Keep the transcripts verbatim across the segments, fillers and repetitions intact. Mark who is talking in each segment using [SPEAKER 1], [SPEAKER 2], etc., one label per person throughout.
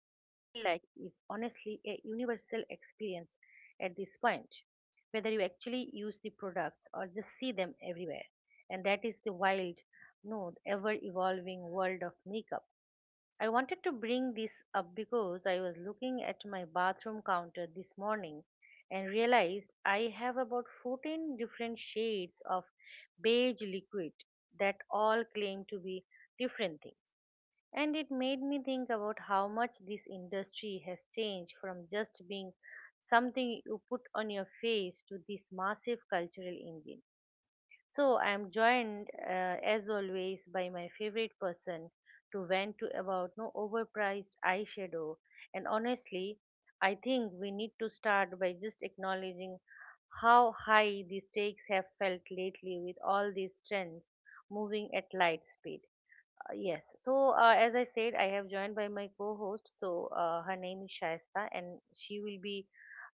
[SPEAKER 1] a universal experience at this point, whether you actually use the products or just see them everywhere. And that is the wild, no, ever evolving world of makeup. I wanted to bring this up because I was looking at my bathroom counter this morning and realized I have about fourteen different shades of beige liquid that all claim to be different things. And it made me think about how much this industry has changed from just being something you put on your face to this massive cultural engine. So I am joined uh, as always by my favorite person to vent to about no overpriced eyeshadow. And honestly, I think we need to start by just acknowledging how high the stakes have felt lately with all these trends moving at light speed. Uh, Yes. So, uh, as I said, I have joined by my co-host. So, uh, her name is Shaista, and she will be,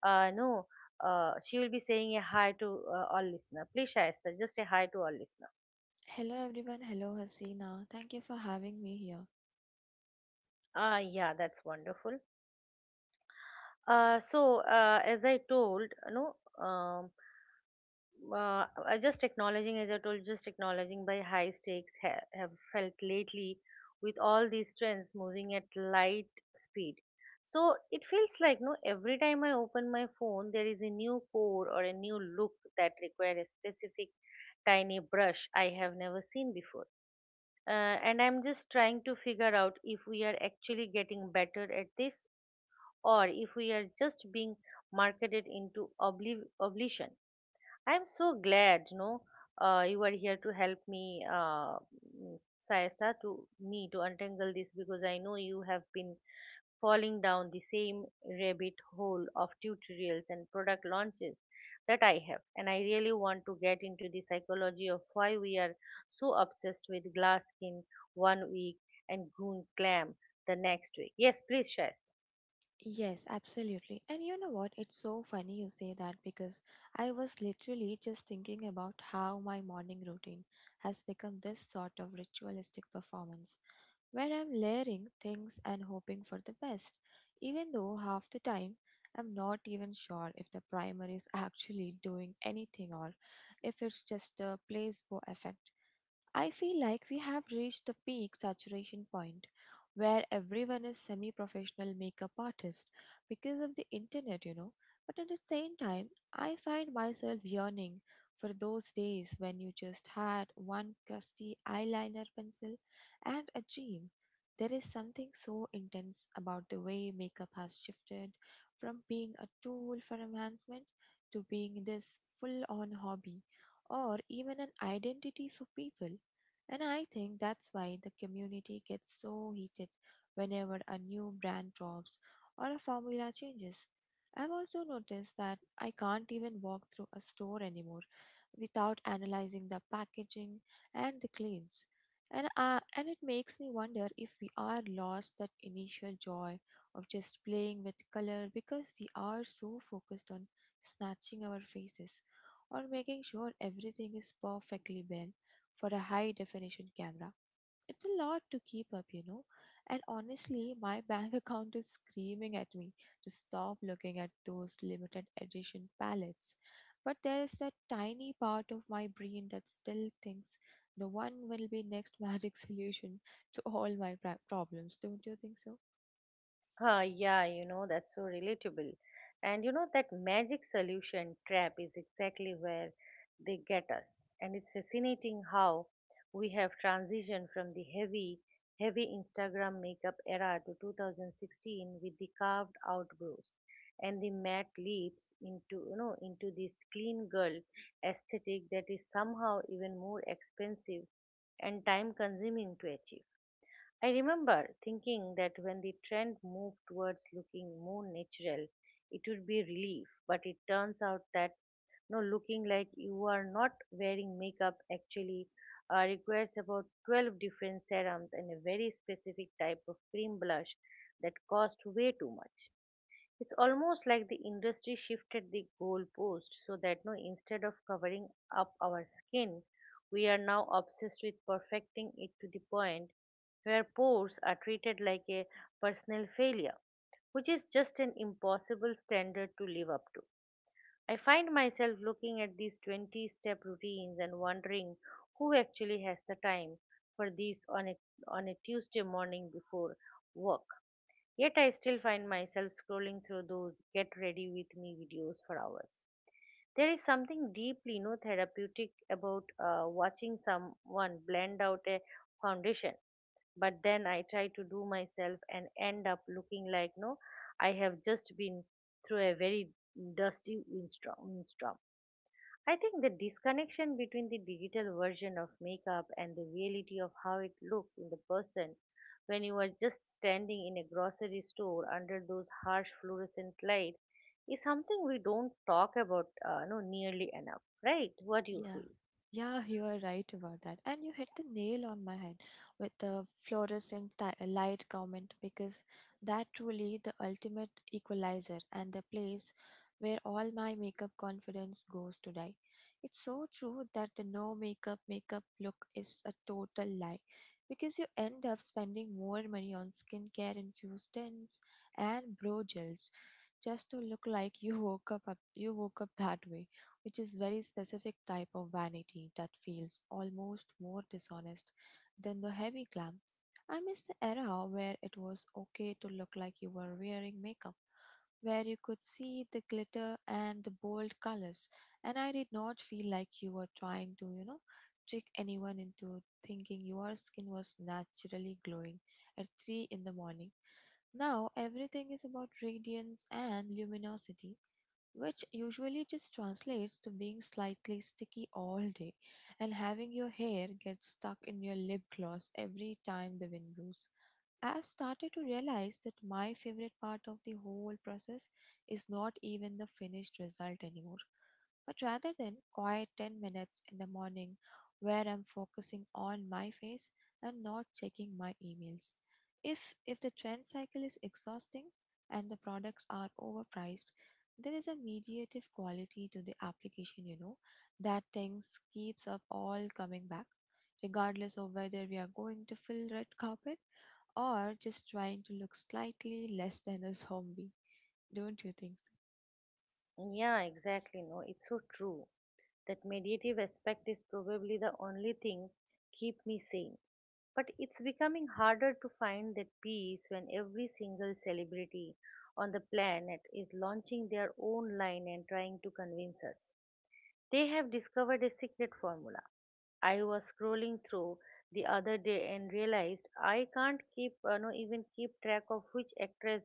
[SPEAKER 1] uh, no, uh, she will be saying a hi to uh, all listener. Please, Shaista, just a hi to all listener.
[SPEAKER 2] Hello everyone, hello Hasina. Thank you for having me here.
[SPEAKER 1] Ah, yeah, that's wonderful. Uh, so, uh, as I told, you know, um, uh, I just acknowledging, as I told, just acknowledging by high stakes ha- have felt lately with all these trends moving at light speed. So it feels like no every time I open my phone, there is a new core or a new look that require a specific tiny brush I have never seen before. Uh, and I'm just trying to figure out if we are actually getting better at this or if we are just being marketed into obli- oblivion. I'm so glad, you know, uh, you are here to help me, uh, mm, Sayasta, to me to untangle this because I know you have been falling down the same rabbit hole of tutorials and product launches that I have, and I really want to get into the psychology of why we are so obsessed with glass skin one week and goon clam the next week. Yes, please, Shasta.
[SPEAKER 2] Yes, absolutely. And you know what? It's so funny you say that because I was literally just thinking about how my morning routine has become this sort of ritualistic performance where I'm layering things and hoping for the best, even though half the time I'm not even sure if the primer is actually doing anything, or if it's just a placebo effect. I feel like we have reached the peak saturation point where everyone is semi professional makeup artist because of the internet, you know. But at the same time, I find myself yearning for those days when you just had one crusty eyeliner pencil and a dream. There is something so intense about the way makeup has shifted from being a tool for enhancement to being this full on hobby or even an identity for people, and I think that's why the community gets so heated whenever a new brand drops or a formula changes. I've also noticed that I can't even walk through a store anymore without analyzing the packaging and the claims. And, uh, and it makes me wonder if we are lost that initial joy of just playing with color, because we are so focused on snatching our faces or making sure everything is perfectly balanced for a high definition camera. It's a lot to keep up, you know. And honestly, my bank account is screaming at me to stop looking at those limited edition palettes. But there is that tiny part of my brain that still thinks the one will be next magic solution to all my pra- problems. Don't you think so?
[SPEAKER 1] Ah, yeah, you know, that's so relatable. And you know, that magic solution trap is exactly where they get us. And it's fascinating how we have transitioned from the heavy, heavy Instagram makeup era to two thousand sixteen with the carved out brows and the matte lips into, you know, into this clean girl aesthetic that is somehow even more expensive and time consuming to achieve. I remember thinking that when the trend moved towards looking more natural, it would be a relief, but it turns out that no looking like you are not wearing makeup actually uh, requires about twelve different serums and a very specific type of cream blush that cost way too much. It's almost like the industry shifted the goalpost so that no instead of covering up our skin, we are now obsessed with perfecting it to the point where pores are treated like a personal failure, which is just an impossible standard to live up to. I find myself looking at these twenty step routines and wondering who actually has the time for these on a, on a Tuesday morning before work. Yet I still find myself scrolling through those get ready with me videos for hours. There is something deeply, you know, therapeutic about uh, watching someone blend out a foundation. But then I try to do myself and end up looking like no, I have just been through a very dusty windstorm. I think the disconnection between the digital version of makeup and the reality of how it looks in the person when you are just standing in a grocery store under those harsh fluorescent light is something we don't talk about uh, no nearly enough, right? What do you
[SPEAKER 2] Yeah.
[SPEAKER 1] feel?
[SPEAKER 2] Yeah, you are right about that. And you hit the nail on my head with the fluorescent ti- uh, light comment, because that truly the ultimate equalizer and the place where all my makeup confidence goes to die. It's so true that the no makeup makeup look is a total lie, because you end up spending more money on skincare infused tints and brow gels just to look like you woke up, up you woke up that way, which is very specific type of vanity that feels almost more dishonest than the heavy glam. I miss the era where it was okay to look like you were wearing makeup, where you could see the glitter and the bold colors, and I did not feel like you were trying to, you know, trick anyone into thinking your skin was naturally glowing at three in the morning. Now everything is about radiance and luminosity, which usually just translates to being slightly sticky all day and having your hair get stuck in your lip gloss every time the wind blows. I've started to realize that my favorite part of the whole process is not even the finished result anymore, but rather than quiet ten minutes in the morning where I'm focusing on my face and not checking my emails. If if the trend cycle is exhausting and the products are overpriced, there is a mediative quality to the application, you know, that things keeps up all coming back, regardless of whether we are going to full red carpet or just trying to look slightly less than a zombie. Don't you think so?
[SPEAKER 1] Yeah, exactly. No, it's so true. That meditative aspect is probably the only thing keep me sane. But it's becoming harder to find that peace when every single celebrity on the planet is launching their own line and trying to convince us. They have discovered a secret formula. I was scrolling through the other day and realized I can't keep, uh, no, even keep track of which actress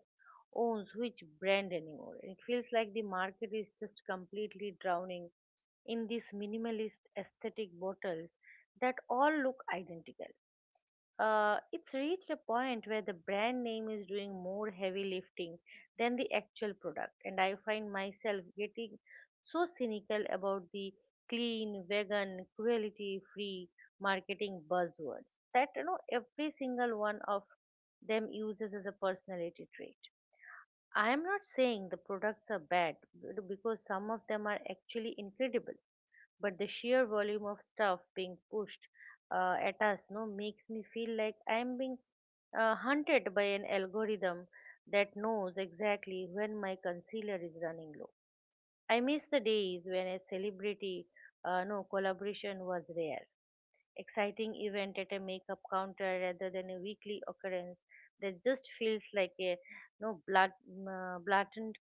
[SPEAKER 1] owns which brand anymore. It feels like the market is just completely drowning in these minimalist aesthetic bottles that all look identical. uh, it's reached a point where the brand name is doing more heavy lifting than the actual product. And I find myself getting so cynical about the clean, vegan, cruelty free marketing buzzwords that, you know, every single one of them uses as a personality trait. I am not saying the products are bad b- because some of them are actually incredible, but the sheer volume of stuff being pushed uh, at us no makes me feel like I am being uh, hunted by an algorithm that knows exactly when my concealer is running low. I miss the days when a celebrity uh, no collaboration was rare exciting event at a makeup counter rather than a weekly occurrence that just feels like a no blood, uh, blatant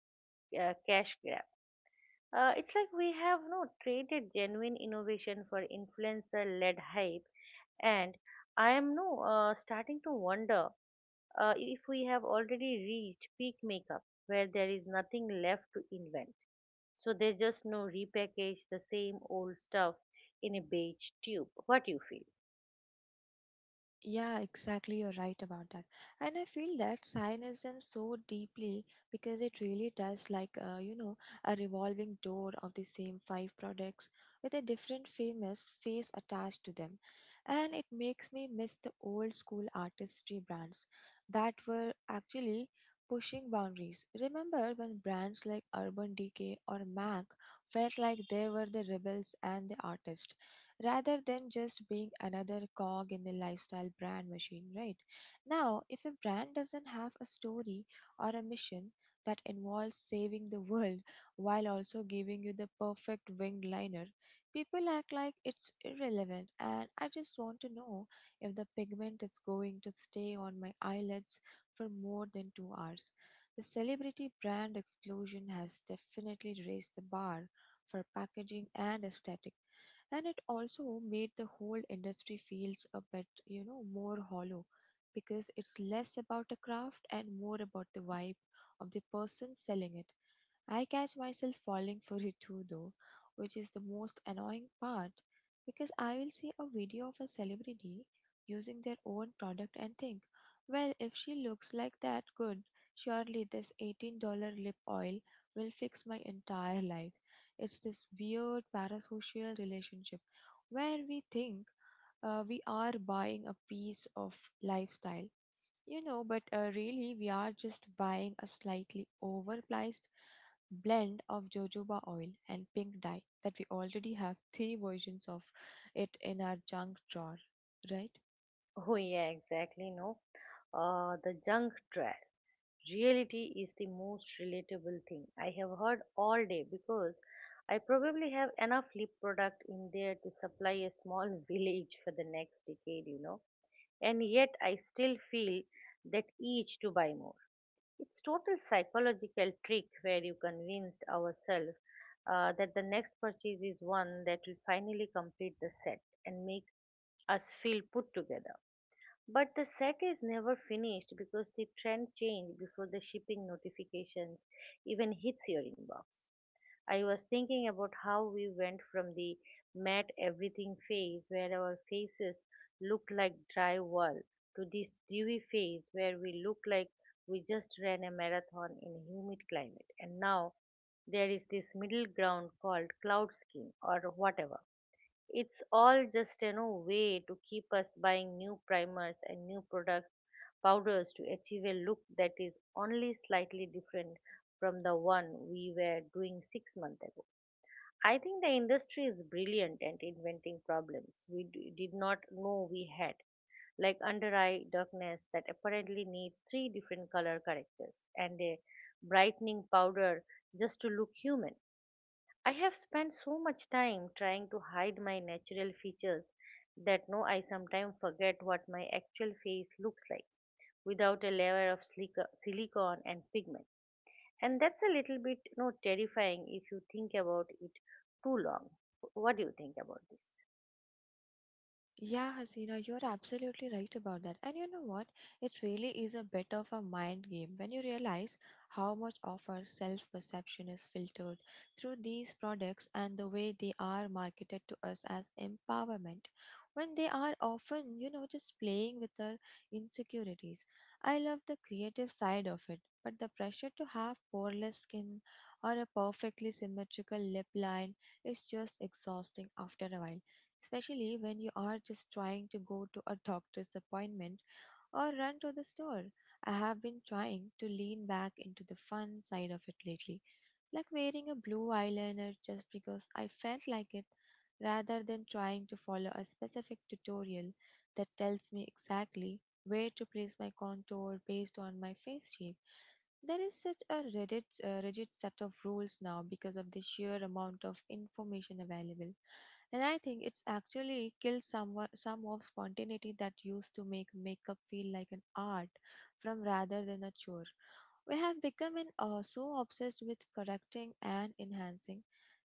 [SPEAKER 1] uh, cash grab. uh, it's like we have no traded genuine innovation for influencer-led hype, and I am no uh, starting to wonder uh, if we have already reached peak makeup, where there is nothing left to invent. So they just no repackage the same old stuff in a beige tube. What do you feel?
[SPEAKER 2] Yeah, exactly. You're right about that. And I feel that Zionism so deeply, because it really does like, uh, you know, a revolving door of the same five products with a different famous face attached to them. And it makes me miss the old school artistry brands that were actually pushing boundaries. Remember when brands like Urban Decay or MAC felt like they were the rebels and the artists, rather than just being another cog in the lifestyle brand machine, right? Now, if a brand doesn't have a story or a mission that involves saving the world while also giving you the perfect winged liner, people act like it's irrelevant. And I just want to know if the pigment is going to stay on my eyelids for more than two hours. The celebrity brand explosion has definitely raised the bar for packaging and aesthetic, and it also made the whole industry feels a bit, you know, more hollow, because it's less about a craft and more about the vibe of the person selling it. I catch myself falling for it too, though, which is the most annoying part, because I will see a video of a celebrity using their own product and think, well, if she looks like that good, surely this eighteen dollars lip oil will fix my entire life. It's this weird parasocial relationship where we think uh, we are buying a piece of lifestyle, you know, but uh, really, we are just buying a slightly overpriced blend of jojoba oil and pink dye that we already have three versions of it in our junk drawer, right?
[SPEAKER 1] Oh yeah, exactly. No, uh, the junk trash. Reality is the most relatable thing I have heard all day because I probably have enough lip product in there to supply a small village for the next decade, you know. And yet I still feel that each to buy more. It's total psychological trick where you convinced ourselves uh, that the next purchase is one that will finally complete the set and make us feel put together. But the set is never finished because the trend changed before the shipping notifications even hits your inbox. I was thinking about how we went from the matte everything phase where our faces look like drywall to this dewy phase where we look like we just ran a marathon in a humid climate. And now there is this middle ground called cloud skin or whatever. It's all just, you know, way to keep us buying new primers and new product powders to achieve a look that is only slightly different from the one we were doing six months ago. I think the industry is brilliant at inventing problems we d- did not know we had, like under eye darkness that apparently needs three different color characters and a brightening powder just to look human. I have spent so much time trying to hide my natural features that no, I sometimes forget what my actual face looks like without a layer of silica- silicone and pigment. And that's a little bit, you know, terrifying if you think about it too long. What do you think about this?
[SPEAKER 2] Yeah, Hasina, you're absolutely right about that. And you know what? It really is a bit of a mind game when you realize how much of our self perception is filtered through these products and the way they are marketed to us as empowerment, when they are often, you know, just playing with our insecurities. I love the creative side of it, but the pressure to have poreless skin or a perfectly symmetrical lip line is just exhausting after a while, especially when you are just trying to go to a doctor's appointment or run to the store. I have been trying to lean back into the fun side of it lately, like wearing a blue eyeliner just because I felt like it, rather than trying to follow a specific tutorial that tells me exactly where to place my contour based on my face shape. There is such a rigid, uh, rigid set of rules now because of the sheer amount of information available. And I think it's actually killed some, some of spontaneity that used to make makeup feel like an art from rather than a chore. We have become an, uh, so obsessed with correcting and enhancing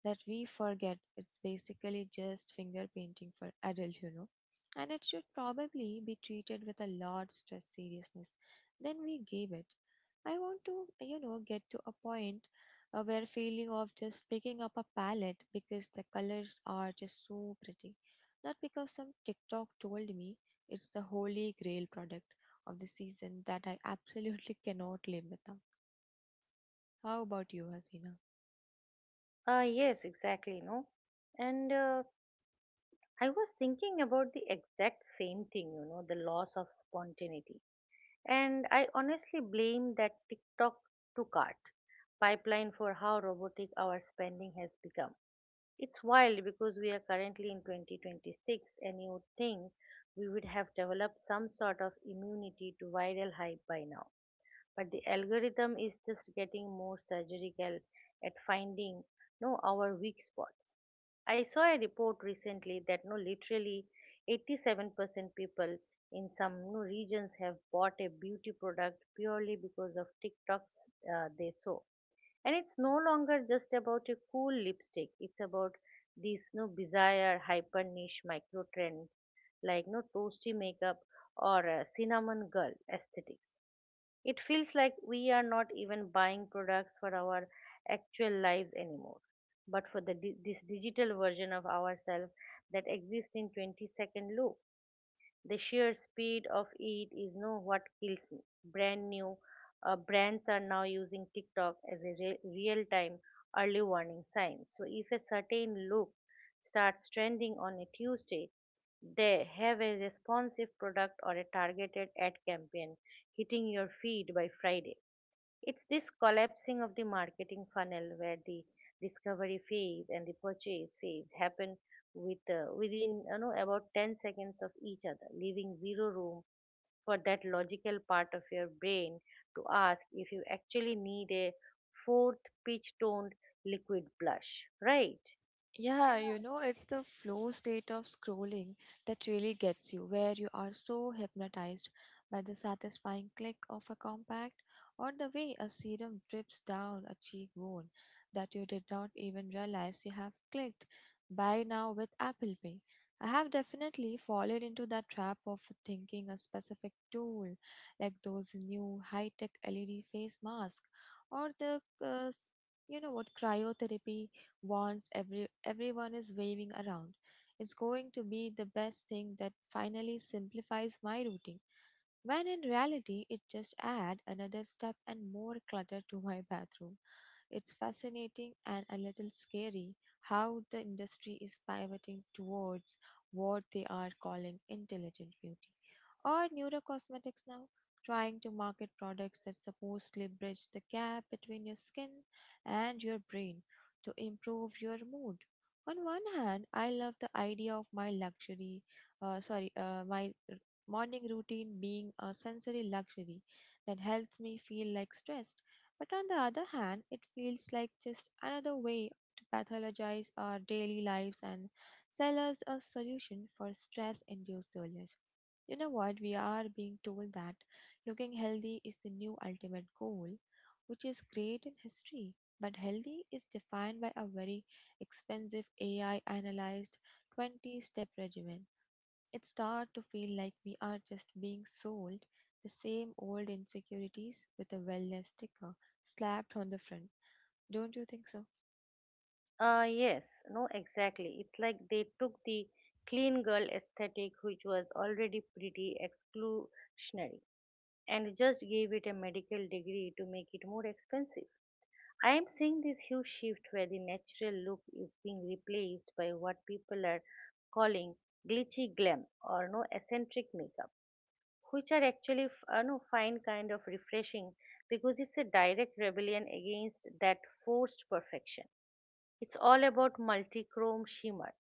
[SPEAKER 2] that we forget it's basically just finger painting for adult, you know. And it should probably be treated with a lot stress seriousness than we gave it. I want to, you know, get to a point uh, where feeling of just picking up a palette because the colors are just so pretty, not because some TikTok told me it's the holy grail product of the season that I absolutely cannot live without. How about you, Hasina?
[SPEAKER 1] Uh, yes, exactly, no. And uh, I was thinking about the exact same thing, you know, the loss of spontaneity. And I honestly blame that TikTok to cart pipeline for how robotic our spending has become. It's wild because we are currently in twenty twenty-six, and you would think we would have developed some sort of immunity to viral hype by now, but the algorithm is just getting more surgical at finding no our weak spots. I saw a report recently that no literally eighty-seven percent people in some no, regions have bought a beauty product purely because of tiktoks uh, they saw. And it's no longer just about a cool lipstick. It's about these no bizarre hyper niche micro trends like no toasty makeup or a cinnamon girl aesthetics. It feels like we are not even buying products for our actual lives anymore, but for the, di- this digital version of ourselves that exists in twenty-second loop. The sheer speed of it is no what kills me. Brand new uh, brands are now using TikTok as a re- real-time early warning sign. So if a certain look starts trending on a Tuesday, they have a responsive product or a targeted ad campaign hitting your feed by Friday. It's this collapsing of the marketing funnel where the discovery phase and the purchase phase happen with uh, within, you know, about ten seconds of each other, leaving zero room for that logical part of your brain to ask if you actually need a fourth pitch toned liquid blush, right?
[SPEAKER 2] Yeah, you know, it's the flow state of scrolling that really gets you, where you are so hypnotized by the satisfying click of a compact or the way a serum drips down a cheekbone that you did not even realize you have clicked. Buy now with Apple Pay. I have definitely fallen into that trap of thinking a specific tool, like those new high tech L E D face masks or the uh, s- you know what cryotherapy wands every everyone is waving around. It's going to be the best thing that finally simplifies my routine, when in reality it just add another step and more clutter to my bathroom. It's fascinating and a little scary how the industry is pivoting towards what they are calling intelligent beauty or neurocosmetics now, trying to market products that supposedly bridge the gap between your skin and your brain to improve your mood. On one hand, I love the idea of my luxury, uh, sorry, uh, my morning routine being a sensory luxury that helps me feel like stressed. But on the other hand, it feels like just another way to pathologize our daily lives and sell us a solution for stress induced illness. You know what? We are being told that looking healthy is the new ultimate goal, which is great in history. But healthy is defined by a very expensive A I analyzed twenty step regimen. It starts to feel like we are just being sold the same old insecurities with a wellness sticker slapped on the front. Don't you think so?
[SPEAKER 1] Uh, yes, no, exactly. It's like they took the clean girl aesthetic, which was already pretty exclusionary, and just gave it a medical degree to make it more expensive. I am seeing this huge shift where the natural look is being replaced by what people are calling glitchy glam or no eccentric makeup, which are actually f- uh, no fine, kind of refreshing because it's a direct rebellion against that forced perfection. It's all about multichrome shimmer,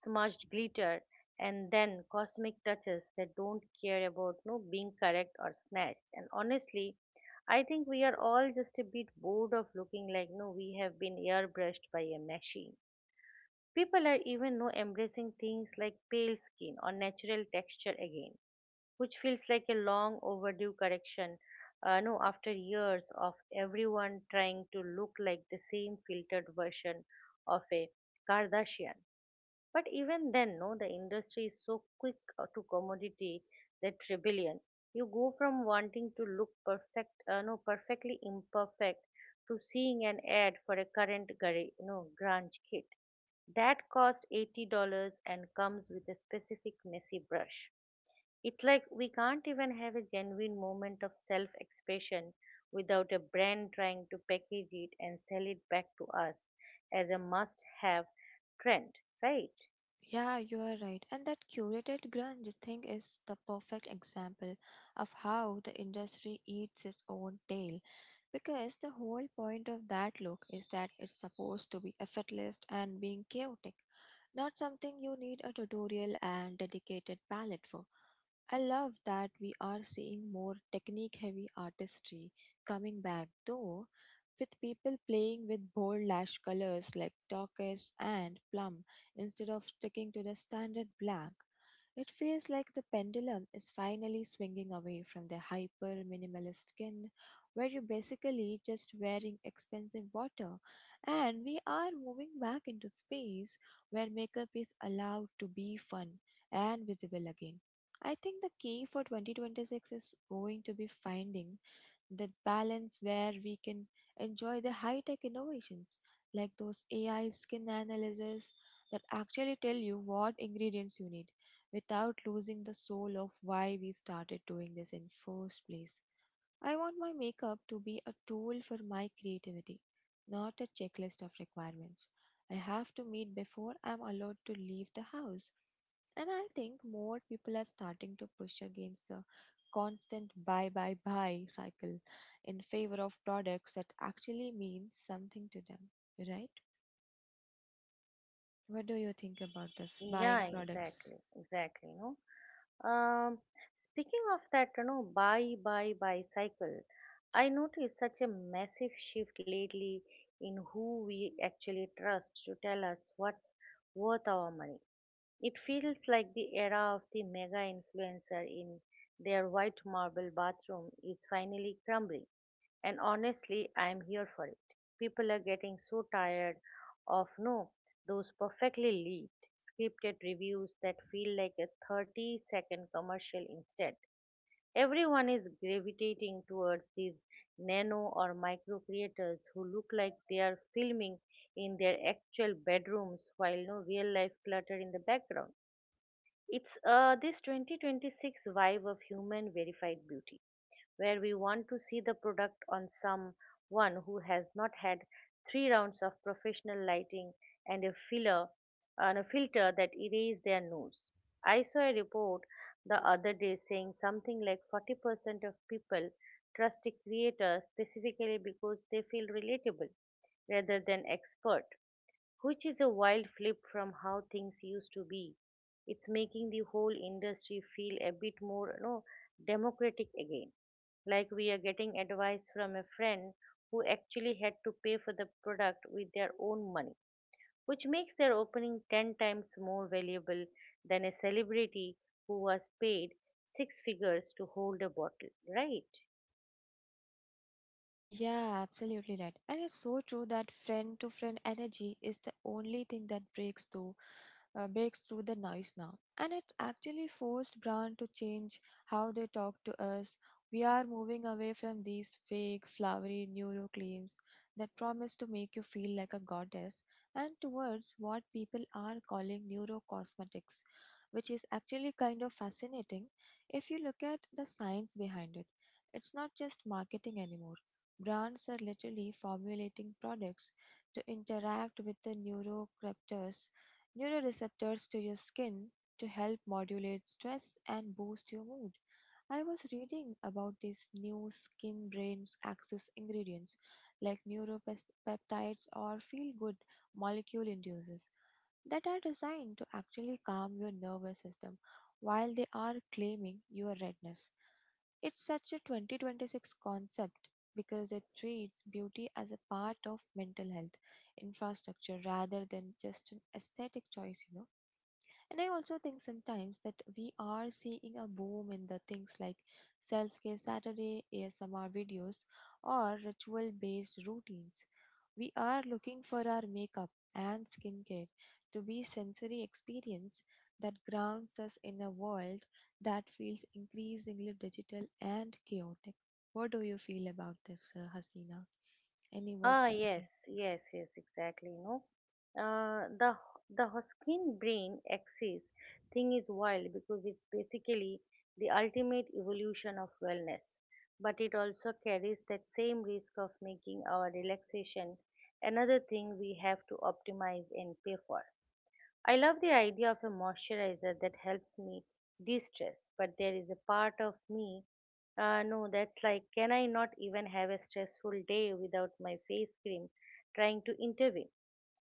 [SPEAKER 1] smudged glitter, and then cosmic touches that don't care about no being correct or snatched. And honestly, I think we are all just a bit bored of looking like no we have been airbrushed by a machine. People are even no embracing things like pale skin or natural texture again, which feels like a long overdue correction. Uh, no, After years of everyone trying to look like the same filtered version of a Kardashian. But even then, no, the industry is so quick uh, to commodity that rebellion. You go from wanting to look perfect, uh, no, perfectly imperfect, to seeing an ad for a current Gar, no, grunge kit that cost eighty dollars and comes with a specific messy brush. It's like we can't even have a genuine moment of self expression without a brand trying to package it and sell it back to us as a must have trend, right?
[SPEAKER 2] Yeah, you are right. And that curated grunge thing is the perfect example of how the industry eats its own tail. Because the whole point of that look is that it's supposed to be effortless and being chaotic, not something you need a tutorial and dedicated palette for. I love that we are seeing more technique heavy artistry coming back though, with people playing with bold lash colors like turquoise and plum instead of sticking to the standard black. It feels like the pendulum is finally swinging away from the hyper minimalist skin, where you're basically just wearing expensive water, and we are moving back into space where makeup is allowed to be fun and visible again. I think the key for twenty twenty-six is going to be finding that balance where we can enjoy the high tech innovations like those A I skin analysis that actually tell you what ingredients you need without losing the soul of why we started doing this in first place. I want my makeup to be a tool for my creativity, not a checklist of requirements I have to meet before I'm allowed to leave the house. And I think more people are starting to push against the constant buy, buy, buy cycle in favor of products that actually mean something to them, right? What do you think about this
[SPEAKER 1] Yeah,
[SPEAKER 2] buying products?
[SPEAKER 1] exactly, exactly. No. Um, Speaking of that, you know, buy, buy, bicycle, I noticed such a massive shift lately in who we actually trust to tell us what's worth our money. It feels like the era of the mega influencer in their white marble bathroom is finally crumbling. And honestly, I'm here for it. People are getting so tired of no those perfectly lead scripted reviews that feel like a thirty second commercial instead. Everyone is gravitating towards these nano or micro creators who look like they are filming in their actual bedrooms while no real life clutter in the background. It's uh, this twenty twenty-six vibe of human verified beauty where we want to see the product on someone who has not had three rounds of professional lighting and a filler and a filter that erase their nose. I saw a report the other day saying something like forty percent of people trust a creator specifically because they feel relatable rather than expert, which is a wild flip from how things used to be. It's making the whole industry feel a bit more, you know, democratic again. Like we are getting advice from a friend who actually had to pay for the product with their own money, which makes their opening ten times more valuable than a celebrity who was paid six figures to hold a bottle, right?
[SPEAKER 2] Yeah, absolutely right. And it's so true that friend to friend energy is the only thing that breaks through uh, breaks through the noise now. And it's actually forced brand to change how they talk to us. We are moving away from these fake, flowery neuro claims that promise to make you feel like a goddess and towards what people are calling neurocosmetics, which is actually kind of fascinating if you look at the science behind it. It's not just marketing anymore. Brands are literally formulating products to interact with the neurocreators neuroreceptors to your skin to help modulate stress and boost your mood. I was reading about these new skin brain axis ingredients like neuropeptides or feel good molecule induces that are designed to actually calm your nervous system while they are claiming your redness. It's such a twenty twenty-six concept because it treats beauty as a part of mental health infrastructure rather than just an aesthetic choice, you know. And I also think sometimes that we are seeing a boom in the things like self care Saturday, A S M R videos, or ritual based routines. We are looking for our makeup and skincare to be sensory experience that grounds us in a world that feels increasingly digital and chaotic. What do you feel about this, uh, Hasina? Any
[SPEAKER 1] Ah,
[SPEAKER 2] words to say?
[SPEAKER 1] yes, yes, yes, exactly. No, uh, the the Hoskin brain axis thing is wild because it's basically the ultimate evolution of wellness, but it also carries that same risk of making our relaxation another thing we have to optimize and pay for. I love the idea of a moisturizer that helps me de stress, but there is a part of me, uh, no, that's like, can I not even have a stressful day without my face cream trying to intervene?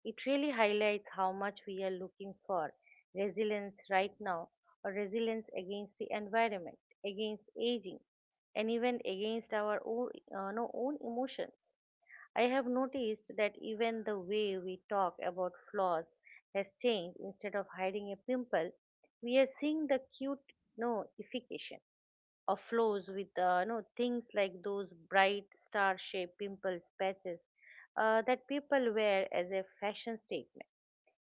[SPEAKER 1] It really highlights how much we are looking for resilience right now, or resilience against the environment, against aging, and even against our own, uh, no, own emotions. I have noticed that even the way we talk about flaws has changed. Instead of hiding a pimple, we are seeing the cute no ification of flaws with uh, no things like those bright star-shaped pimple patches uh, that people wear as a fashion statement.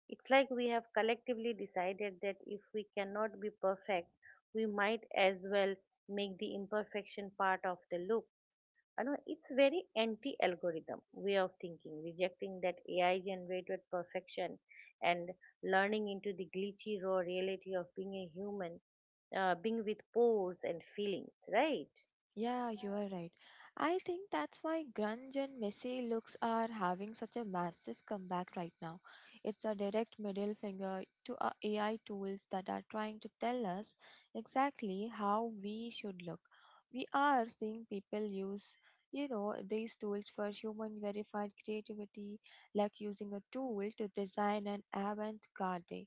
[SPEAKER 1] It's like we have collectively decided that if we cannot be perfect, we might as well make the imperfection part of the look. You know, it's very anti algorithm way of thinking, rejecting that AI generated perfection and learning into the glitchy raw reality of being a human, uh, being with pores and feelings, right?
[SPEAKER 2] Yeah, you are right. I think that's why grunge and messy looks are having such a massive comeback right now. It's a direct middle finger to our A I tools that are trying to tell us exactly how we should look. We are seeing people use, you know, these tools for human verified creativity, like using a tool to design an avant-garde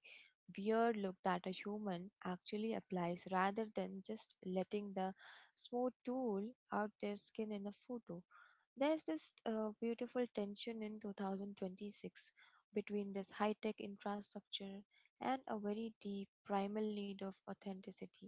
[SPEAKER 2] weird look that a human actually applies rather than just letting the smooth tool out their skin in the photo. There's this uh, beautiful tension in twenty twenty-six between this high tech infrastructure and a very deep primal need of authenticity.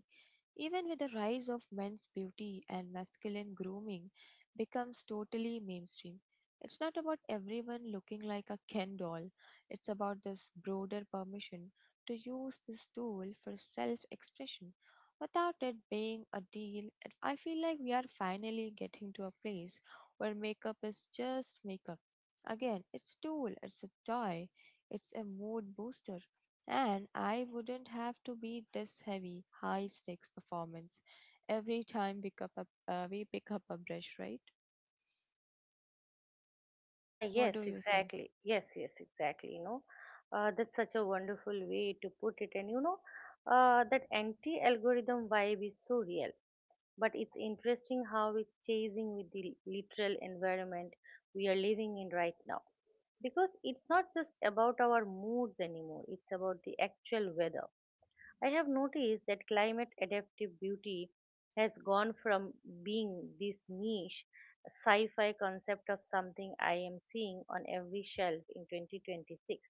[SPEAKER 2] Even with the rise of men's beauty and masculine grooming becomes totally mainstream. It's not about everyone looking like a Ken doll. It's about this broader permission to use this tool for self-expression without it being a deal. it- I feel like we are finally getting to a place where makeup is just makeup. Again, it's a tool, it's a toy, it's a mood booster and I wouldn't have to be this heavy, high stakes performance every time pick up a, uh, we pick up a brush, right?
[SPEAKER 1] Ah,
[SPEAKER 2] What
[SPEAKER 1] yes,
[SPEAKER 2] do you say?
[SPEAKER 1] exactly, yes, yes, exactly, you know. Uh, that's such a wonderful way to put it. And you know, uh, that anti algorithm vibe is so real, but it's interesting how it's chasing with the literal environment we are living in right now, because it's not just about our moods anymore, it's about the actual weather. I have noticed that climate adaptive beauty has gone from being this niche sci fi concept of something I am seeing on every shelf in twenty twenty-six.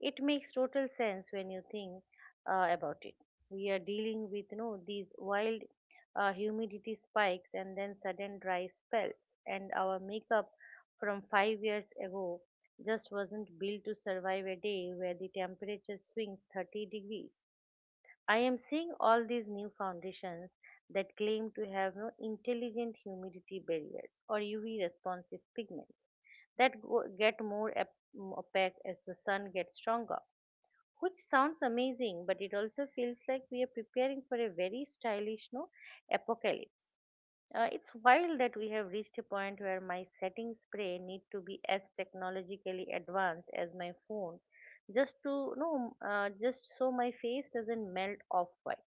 [SPEAKER 1] It makes total sense when you think uh, about it. We are dealing with, you know, these wild uh, humidity spikes and then sudden dry spells, and our makeup from five years ago just wasn't built to survive a day where the temperature swings thirty degrees. I am seeing all these new foundations that claim to have no intelligent humidity barriers or U V responsive pigments that go- get more ap- mm, opaque as the sun gets stronger. Which sounds amazing, but it also feels like we are preparing for a very stylish no apocalypse. Uh, it's wild that we have reached a point where my setting spray need to be as technologically advanced as my phone, just to no, uh, just so my face doesn't melt off white.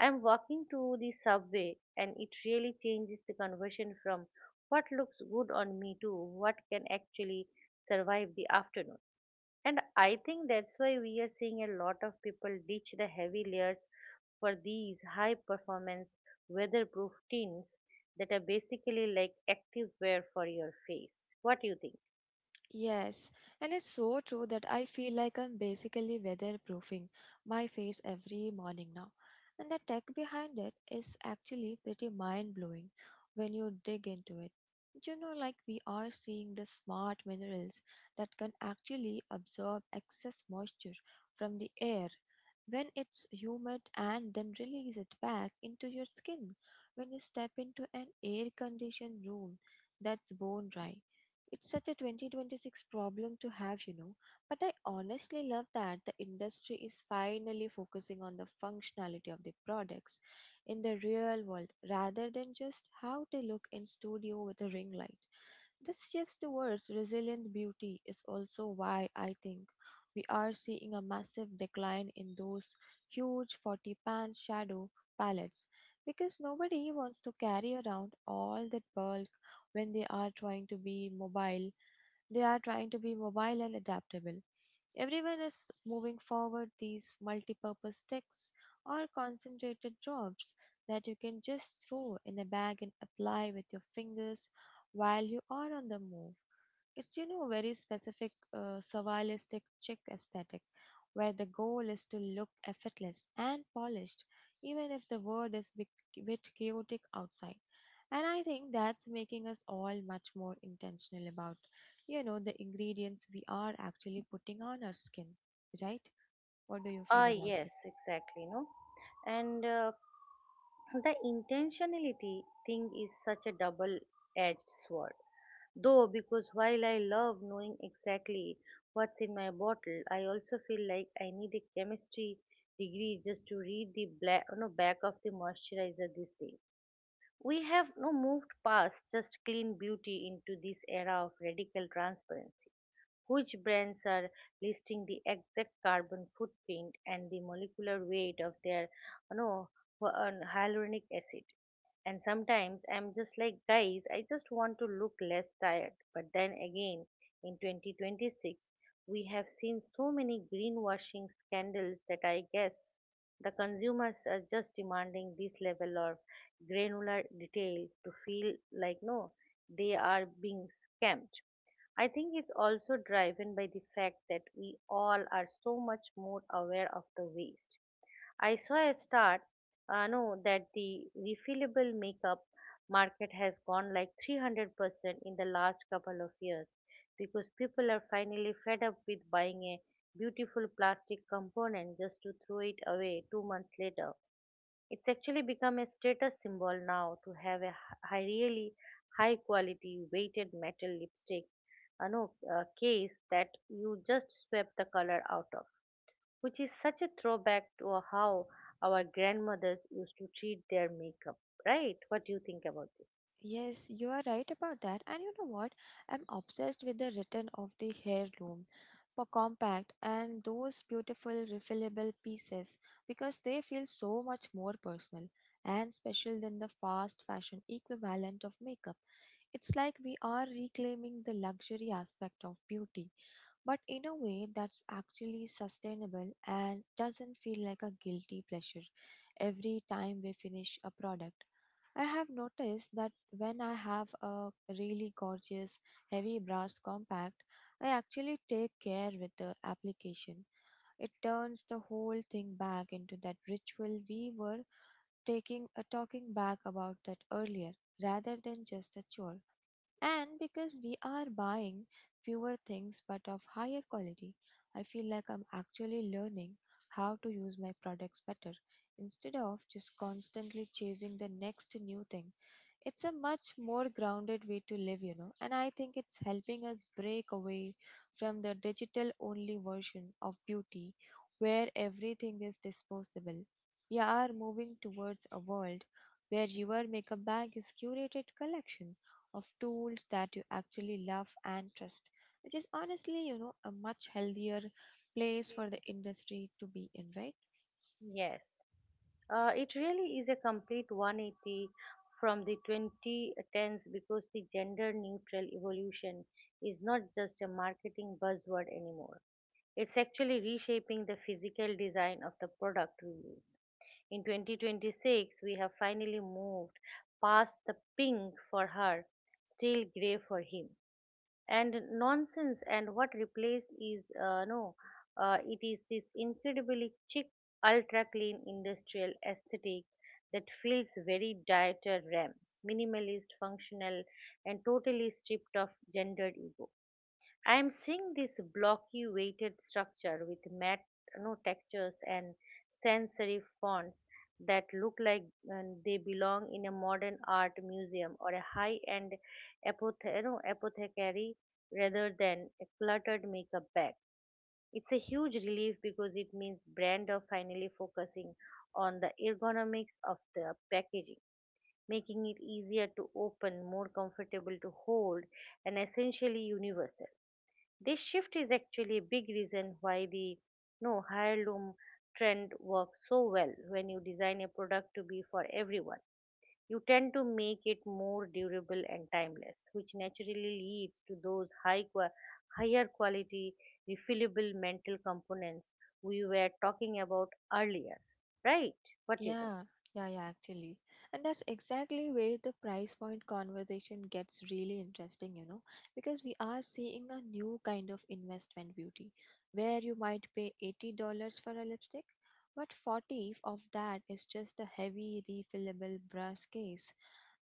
[SPEAKER 1] I'm walking to the subway and it really changes the conversation from what looks good on me to what can actually survive the afternoon. And I think that's why we are seeing a lot of people ditch the heavy layers for these high performance weatherproof tints that are basically like active wear for your face. What do you think?
[SPEAKER 2] Yes, and it's so true that I feel like I'm basically weatherproofing my face every morning now. And the tech behind it is actually pretty mind blowing when you dig into it. You know, like we are seeing the smart minerals that can actually absorb excess moisture from the air when it's humid and then release it back into your skin when you step into an air conditioned room that's bone dry. It's such a twenty twenty-six problem to have, you know. But I honestly love that the industry is finally focusing on the functionality of the products in the real world rather than just how they look in studio with a ring light. This shift towards resilient beauty is also why I think we are seeing a massive decline in those huge forty pan shadow palettes because nobody wants to carry around all that bulk when they are trying to be mobile they are trying to be mobile and adaptable everyone is moving forward these multi-purpose techs are concentrated jobs that you can just throw in a bag and apply with your fingers while you are on the move. It's, you know, very specific uh, surrealistic chic aesthetic where the goal is to look effortless and polished even if the world is a bit bit chaotic outside. And I think that's making us all much more intentional about, you know, the ingredients we are actually putting on our skin, right? What do you feel
[SPEAKER 1] Ah,
[SPEAKER 2] about
[SPEAKER 1] yes,
[SPEAKER 2] it?
[SPEAKER 1] exactly. No, and uh, the intentionality thing is such a double edged sword. Though, because while I love knowing exactly what's in my bottle, I also feel like I need a chemistry degree just to read the black, no, back of the moisturizer these days. We have no moved past just clean beauty into this era of radical transparency, which brands are listing the exact carbon footprint and the molecular weight of their, you know, hy- uh, hyaluronic acid. And sometimes I'm just like, guys, I just want to look less tired. But then again, in twenty twenty-six we have seen so many greenwashing scandals that I guess the consumers are just demanding this level of granular detail to feel like no they are being scammed. I think it's also driven by the fact that we all are so much more aware of the waste. I saw a start, uh, no, that the refillable makeup market has gone like three hundred percent in the last couple of years because people are finally fed up with buying a beautiful plastic component just to throw it away two months later. It's actually become a status symbol now to have a h- high, really high quality weighted metal lipstick uh, no, uh, case that you just swap the color out of, which is such a throwback to how our grandmothers used to treat their makeup, right? What do you think about this?
[SPEAKER 2] Yes, you are right about that. And you know what? I'm obsessed with the return of the heirloom for compact and those beautiful refillable pieces because they feel so much more personal and special than the fast fashion equivalent of makeup. It's like we are reclaiming the luxury aspect of beauty but in a way that's actually sustainable and doesn't feel like a guilty pleasure every time we finish a product. I have noticed that when I have a really gorgeous heavy brass compact, I actually take care with the application. It turns the whole thing back into that ritual we were taking uh, talking back about that earlier rather than just a chore. And because we are buying fewer things but of higher quality, I feel like I'm actually learning how to use my products better instead of just constantly chasing the next new thing. It's a much more grounded way to live, you know, and I think it's helping us break away from the digital only version of beauty where everything is disposable. We are moving towards a world where your makeup bag is curated collection of tools that you actually love and trust, which is honestly, you know, a much healthier place for the industry to be in, right?
[SPEAKER 1] Yes, uh, it really is a complete one eighty from the twenty tens because the gender neutral evolution is not just a marketing buzzword anymore. It's actually reshaping the physical design of the product we use. In twenty twenty-six, we have finally moved past the pink for her, still gray for him, and nonsense. And what replaced is uh, no, uh, it is this incredibly chic, ultra clean industrial aesthetic that feels very Dieter Rams, minimalist, functional, and totally stripped of gendered ego. I am seeing this blocky weighted structure with matte no textures and sensory fonts that look like um, they belong in a modern art museum or a high-end apothe- you know, apothecary rather than a cluttered makeup bag. It's a huge relief because it means brand are finally focusing on the ergonomics of the packaging, making it easier to open, more comfortable to hold, and essentially universal. This shift is actually a big reason why the no heirloom trend works so well when you design a product to be for everyone. You tend to make it more durable and timeless, which naturally leads to those high qua- higher quality refillable mental components we were talking about earlier. Right? What do you think?
[SPEAKER 2] Yeah, yeah, yeah, actually. And that's exactly where the price point conversation gets really interesting, you know, because we are seeing a new kind of investment beauty where you might pay eighty dollars for a lipstick, but forty of that is just a heavy refillable brass case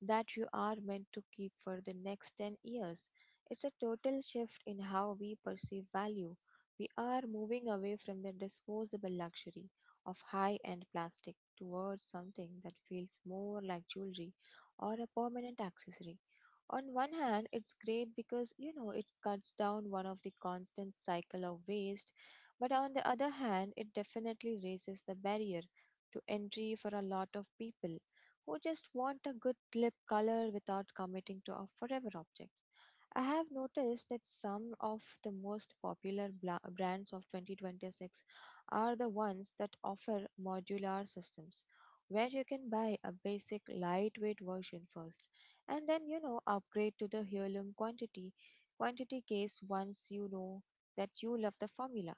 [SPEAKER 2] that you are meant to keep for the next ten years. It's a total shift in how we perceive value. We are moving away from the disposable luxury of high end plastic towards something that feels more like jewelry or a permanent accessory. On one hand, it's great because you know it cuts down one of the constant cycle of waste, but on the other hand, it definitely raises the barrier to entry for a lot of people who just want a good lip color without committing to a forever object. I have noticed that some of the most popular bla- brands of twenty twenty-six are the ones that offer modular systems, where you can buy a basic lightweight version first and then you know upgrade to the heirloom quantity quantity case once you know that you love the formula.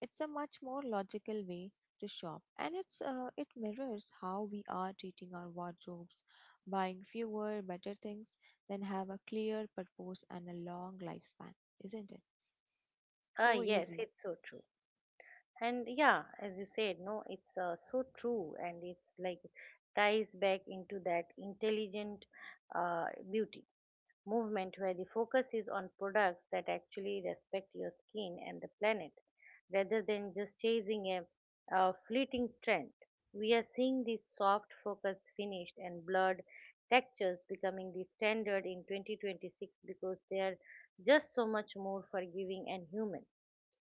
[SPEAKER 2] It's a much more logical way thrift shop and it's uh, it mirrors how we are treating our wardrobes, buying fewer better things then have a clear purpose and a long lifespan, isn't it
[SPEAKER 1] Ah,
[SPEAKER 2] so
[SPEAKER 1] yes,
[SPEAKER 2] easy?
[SPEAKER 1] it's so true. And yeah, as you said, no, it's uh, so true, and it's like ties back into that intelligent uh, beauty movement where the focus is on products that actually respect your skin and the planet rather than just chasing a, a fleeting trend. We are seeing these soft focus finished and blurred textures becoming the standard in twenty twenty-six because they are just so much more forgiving and human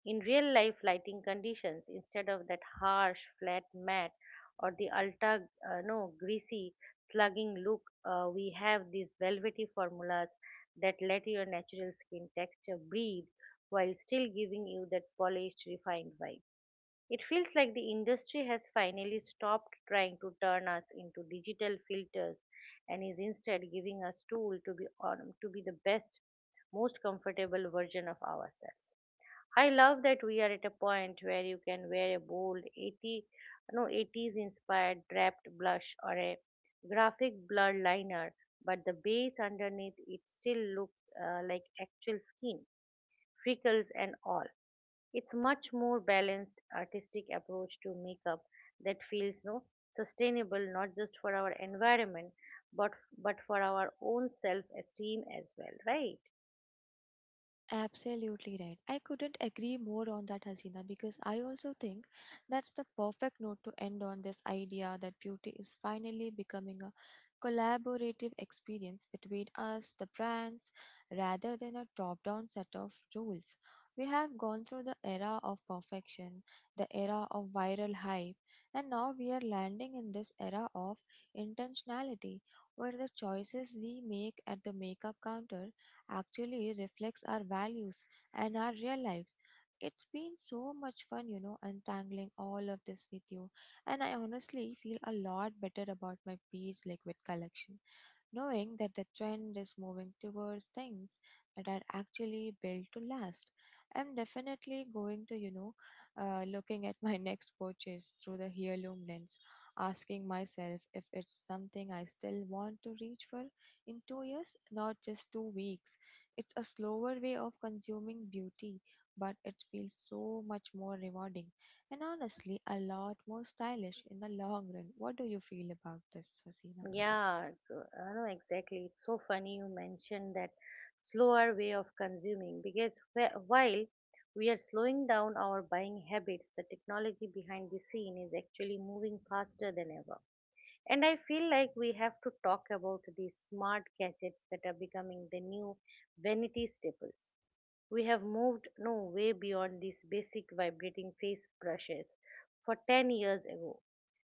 [SPEAKER 1] in real life lighting conditions, instead of that harsh, flat matte or the ultra uh, no greasy, slugging look, uh, we have these velvety formulas that let your natural skin texture breathe while still giving you that polished, refined vibe. It feels like the industry has finally stopped trying to turn us into digital filters and is instead giving us tool to be on, to be the best, most comfortable version of ourselves. I love that we are at a point where you can wear a bold eighty no eighties inspired draped blush or a graphic blur liner, but the base underneath it still looks uh, like actual skin, freckles and all. It's much more balanced artistic approach to makeup that feels no sustainable, not just for our environment, but but for our own self esteem as well, right?
[SPEAKER 2] Absolutely right. I couldn't agree more on that, Hasina, because I also think that's the perfect note to end on this idea that beauty is finally becoming a collaborative experience between us, the brands, rather than a top down set of rules. We have gone through the era of perfection, the era of viral hype, and now we are landing in this era of intentionality where the choices we make at the makeup counter actually reflects our values and our real lives. It's been so much fun, you know, untangling all of this with you. And I honestly feel a lot better about my beach liquid collection, knowing that the trend is moving towards things that are actually built to last. I'm definitely going to, you know, uh, looking at my next purchase through the heirloom lens, asking myself if it's something I still want to reach for in two years, not just two weeks. It's a slower way of consuming beauty, but it feels so much more rewarding and honestly a lot more stylish in the long run. What do you feel about this, Hasina?
[SPEAKER 1] Yeah, so I know exactly. It's so funny you mentioned that slower way of consuming because wh- while we are slowing down our buying habits, the technology behind the scene is actually moving faster than ever. And I feel like we have to talk about these smart gadgets that are becoming the new vanity staples. We have moved no way beyond these basic vibrating face brushes for ten years ago.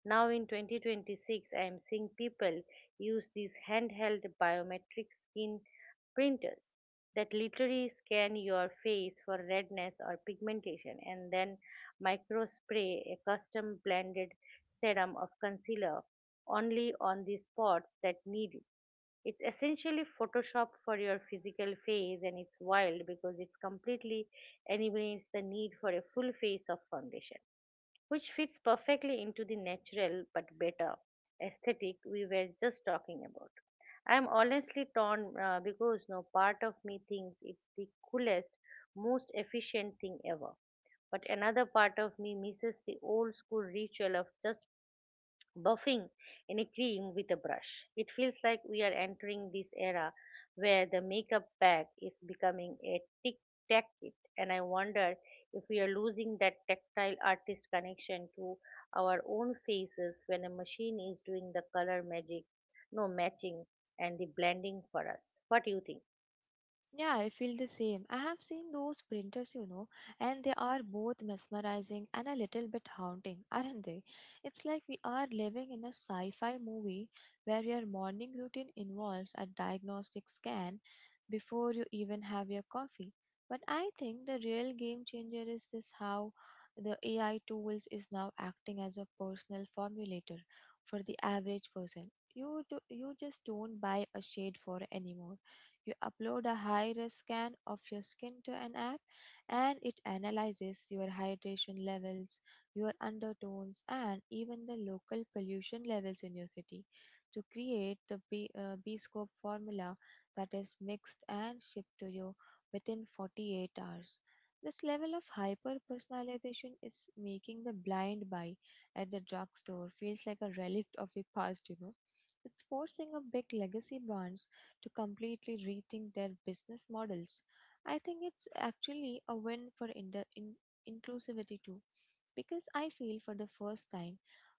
[SPEAKER 1] Now in twenty twenty-six, I am seeing people use these handheld biometric skin printers that literally scan your face for redness or pigmentation and then micro spray a custom blended serum of concealer only on the spots that need it. It's essentially Photoshop for your physical face, and it's wild because it's completely eliminates the need for a full face of foundation, which fits perfectly into the natural but better aesthetic we were just talking about. I'm honestly torn uh, because no part of me thinks it's the coolest, most efficient thing ever, but another part of me misses the old school ritual of just buffing in a cream with a brush. It feels like we are entering this era where the makeup bag is becoming a tic tac kit, and I wonder if we are losing that tactile artist connection to our own faces when a machine is doing the color magic, no matching, and the blending for us. What do you think?
[SPEAKER 2] Yeah, I feel the same. I have seen those printers, you know, and they are both mesmerizing and a little bit haunting, aren't they? It's like we are living in a sci fi movie where your morning routine involves a diagnostic scan before you even have your coffee. But I think the real game changer is this how the A I tools is now acting as a personal formulator for the average person. You, do, you just don't buy a shade for anymore, you upload a high res scan of your skin to an app and it analyzes your hydration levels, your undertones, and even the local pollution levels in your city to create the B, uh, B scope formula that is mixed and shipped to you within forty-eight hours. This level of hyper personalization is making the blind buy at the drugstore feels like a relic of the past. You know. It's forcing a big legacy brands to completely rethink their business models. I think it's actually a win for ind- in- inclusivity too, because I feel for the first time,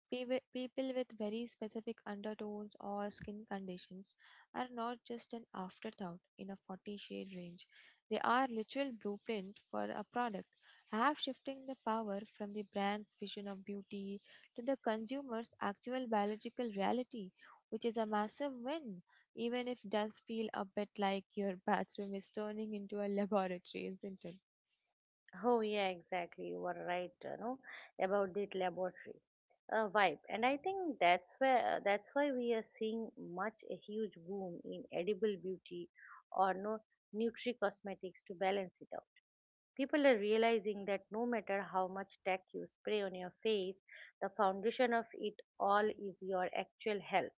[SPEAKER 2] peop- people with very specific undertones or skin conditions are not just an afterthought in a forty shade range. They are literal blueprint for a product, half shifting the power from the brand's vision of beauty to the consumer's actual biological reality, which is a massive win even if it does feel a bit like your bathroom is turning into a laboratory, isn't it?
[SPEAKER 1] Oh yeah, exactly. You are right, you know, about this laboratory uh, vibe, and I think that's where that's why we are seeing much a huge boom in edible beauty or no nutri cosmetics to balance it out. People are realizing that no matter how much tech you spray on your face, the foundation of it all is your actual health.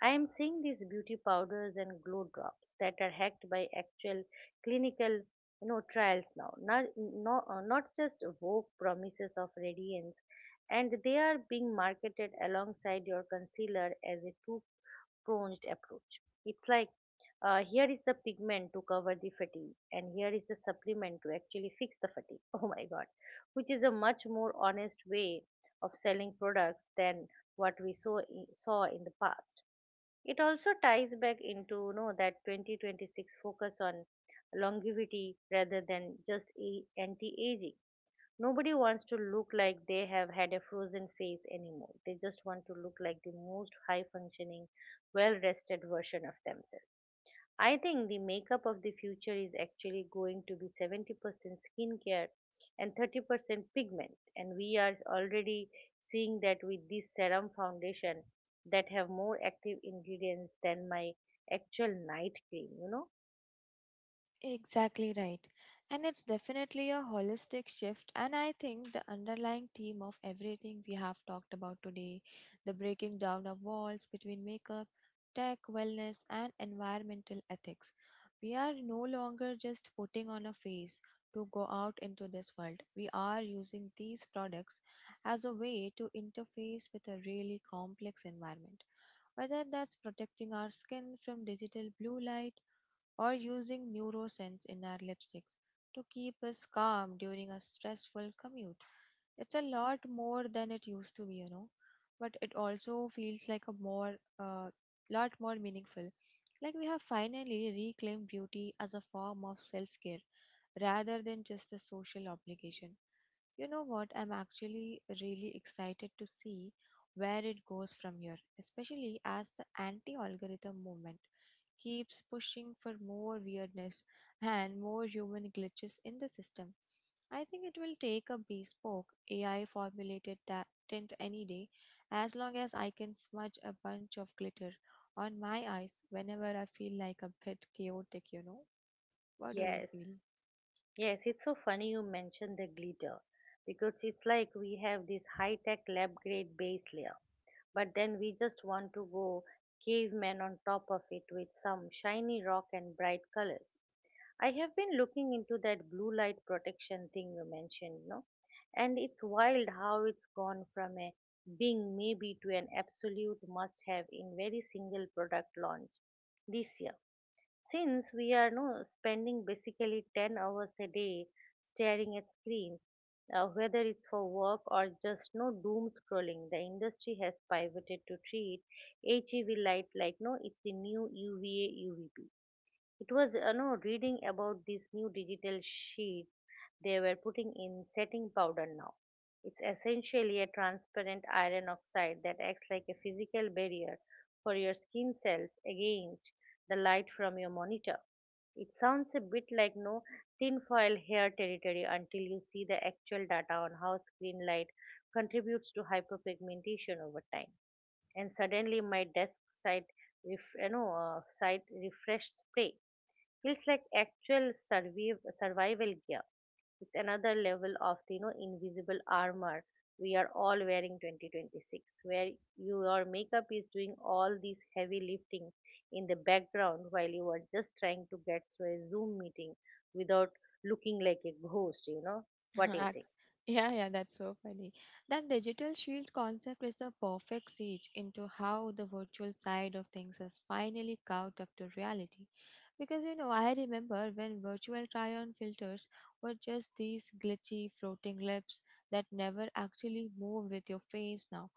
[SPEAKER 1] I am seeing these beauty powders and glow drops that are hacked by actual clinical, you know, trials now, not not, uh, not just vague promises of radiance, and they are being marketed alongside your concealer as a two-pronged approach. It's like, uh, here is the pigment to cover the fatigue and here is the supplement to actually fix the fatigue. Oh my god, which is a much more honest way of selling products than what we saw i- saw in the past. It also ties back into, you know, that twenty twenty-six focus on longevity rather than just a- anti-aging. Nobody wants to look like they have had a frozen face anymore. They just want to look like the most high functioning, well rested version of themselves. I think the makeup of the future is actually going to be seventy percent skincare and thirty percent pigment. And we are already seeing that with this serum foundation that have more active ingredients than my actual night cream, you know?
[SPEAKER 2] Exactly right. And it's definitely a holistic shift. And I think the underlying theme of everything we have talked about today, the breaking down of walls between makeup, tech, wellness, and environmental ethics. We are no longer just putting on a face to go out into this world. We are using these products as a way to interface with a really complex environment. Whether that's protecting our skin from digital blue light or using NeuroSense in our lipsticks to keep us calm during a stressful commute. It's a lot more than it used to be, you know, but it also feels like a more uh, lot more meaningful. Like we have finally reclaimed beauty as a form of self-care rather than just a social obligation. You know what? I'm actually really excited to see where it goes from here, especially as the anti algorithm movement keeps pushing for more weirdness and more human glitches in the system. I think it will take a bespoke A I formulated ta- tint any day as long as I can smudge a bunch of glitter on my eyes whenever I feel like a bit chaotic, you know. What do you
[SPEAKER 1] Yes.
[SPEAKER 2] feel?
[SPEAKER 1] Yes, it's so funny you mentioned the glitter because it's like we have this high-tech lab grade base layer, but then we just want to go caveman on top of it with some shiny rock and bright colors. I have been looking into that blue light protection thing you mentioned, no? And it's wild how it's gone from a being maybe to an absolute must have in very single product launch this year. Since we are no spending basically ten hours a day staring at screens, uh, whether it's for work or just no doom scrolling, the industry has pivoted to treat H E V light like, no, it's the new U V A U V B. It was, you know, reading about this new digital sheet they were putting in setting powder now. It's essentially a transparent iron oxide that acts like a physical barrier for your skin cells against the light from your monitor. It sounds a bit like, no tinfoil hair territory, until you see the actual data on how screen light contributes to hyperpigmentation over time. And suddenly, my desk side, ref, you know, uh, side refresh spray feels like actual surviv- survival gear. It's another level of the, you know, invisible armor we are all wearing twenty twenty-six, where your makeup is doing all this heavy lifting in the background while you are just trying to get through a Zoom meeting without looking like a ghost, you know? What do you
[SPEAKER 2] Ac-
[SPEAKER 1] think?
[SPEAKER 2] yeah, yeah, that's so funny. That digital shield concept is the perfect siege into how the virtual side of things has finally caught up to reality. Because you know, I remember when virtual try on filters were just these glitchy floating lips that never actually moved with your face now.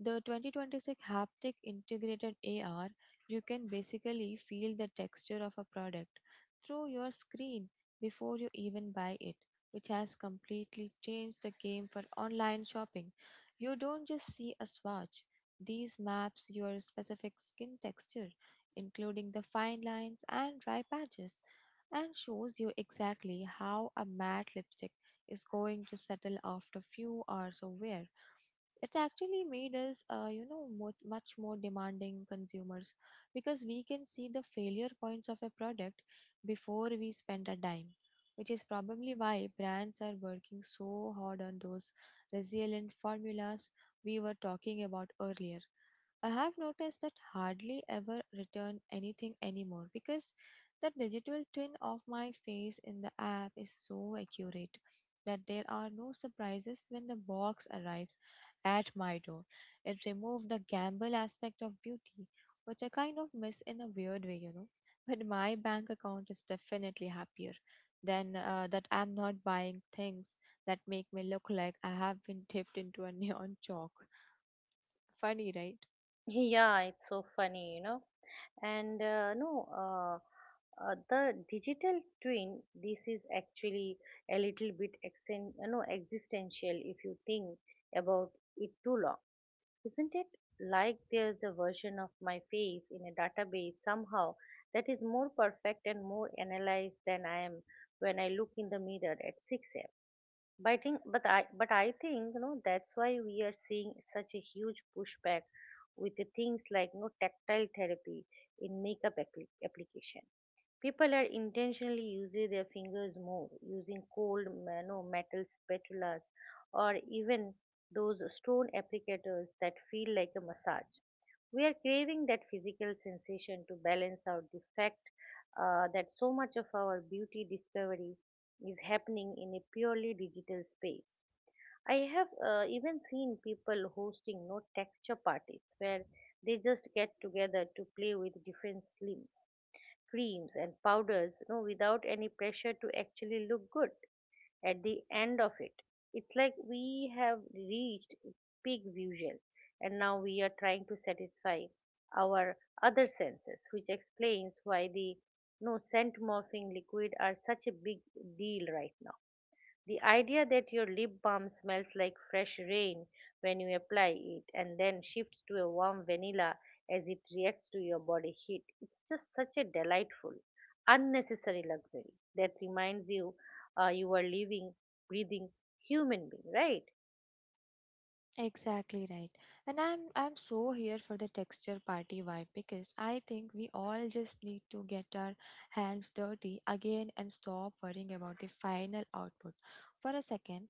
[SPEAKER 2] The twenty twenty-six haptic integrated A R, you can basically feel the texture of a product through your screen before you even buy it, which has completely changed the game for online shopping. You don't just see a swatch, these maps your specific skin texture, including the fine lines and dry patches, and shows you exactly how a matte lipstick is going to settle after few hours of wear. It actually made us uh, you know much, much more demanding consumers because we can see the failure points of a product before we spend a dime, which is probably why brands are working so hard on those resilient formulas we were talking about earlier. I have noticed that hardly ever return anything anymore because the digital twin of my face in the app is so accurate that there are no surprises when the box arrives at my door. It removed the gamble aspect of beauty, which I kind of miss in a weird way. You know. But my bank account is definitely happier then uh, that I'm not buying things that make me look like I have been dipped into a neon chalk. Funny, right?
[SPEAKER 1] Yeah, it's so funny, you know? And uh, no, uh, uh, the digital twin, this is actually a little bit exen- you know, existential if you think about it too long, isn't it? Like there's a version of my face in a database somehow that is more perfect and more analyzed than I am when I look in the mirror at six a m. But I think, but I, but I think, you know, that's why we are seeing such a huge pushback with the things like, you know, tactile therapy in makeup appli- application. People are intentionally using their fingers more, using cold, you know, metal spatulas, or even those stone applicators that feel like a massage. We are craving that physical sensation to balance out the fact uh, that so much of our beauty discovery is happening in a purely digital space. I have uh, even seen people hosting no texture parties where they just get together to play with different slims, creams, and powders, no, without any pressure to actually look good at the end of it. It's like we have reached peak visual and now we are trying to satisfy our other senses, which explains why the no scent morphing liquid are such a big deal right now. The idea that your lip balm smells like fresh rain when you apply it and then shifts to a warm vanilla as it reacts to your body heat. It's just such a delightful, unnecessary luxury that reminds you uh, you are living, breathing human being, right?
[SPEAKER 2] Exactly right. And I'm I'm so here for the texture party vibe because I think we all just need to get our hands dirty again and stop worrying about the final output for a second.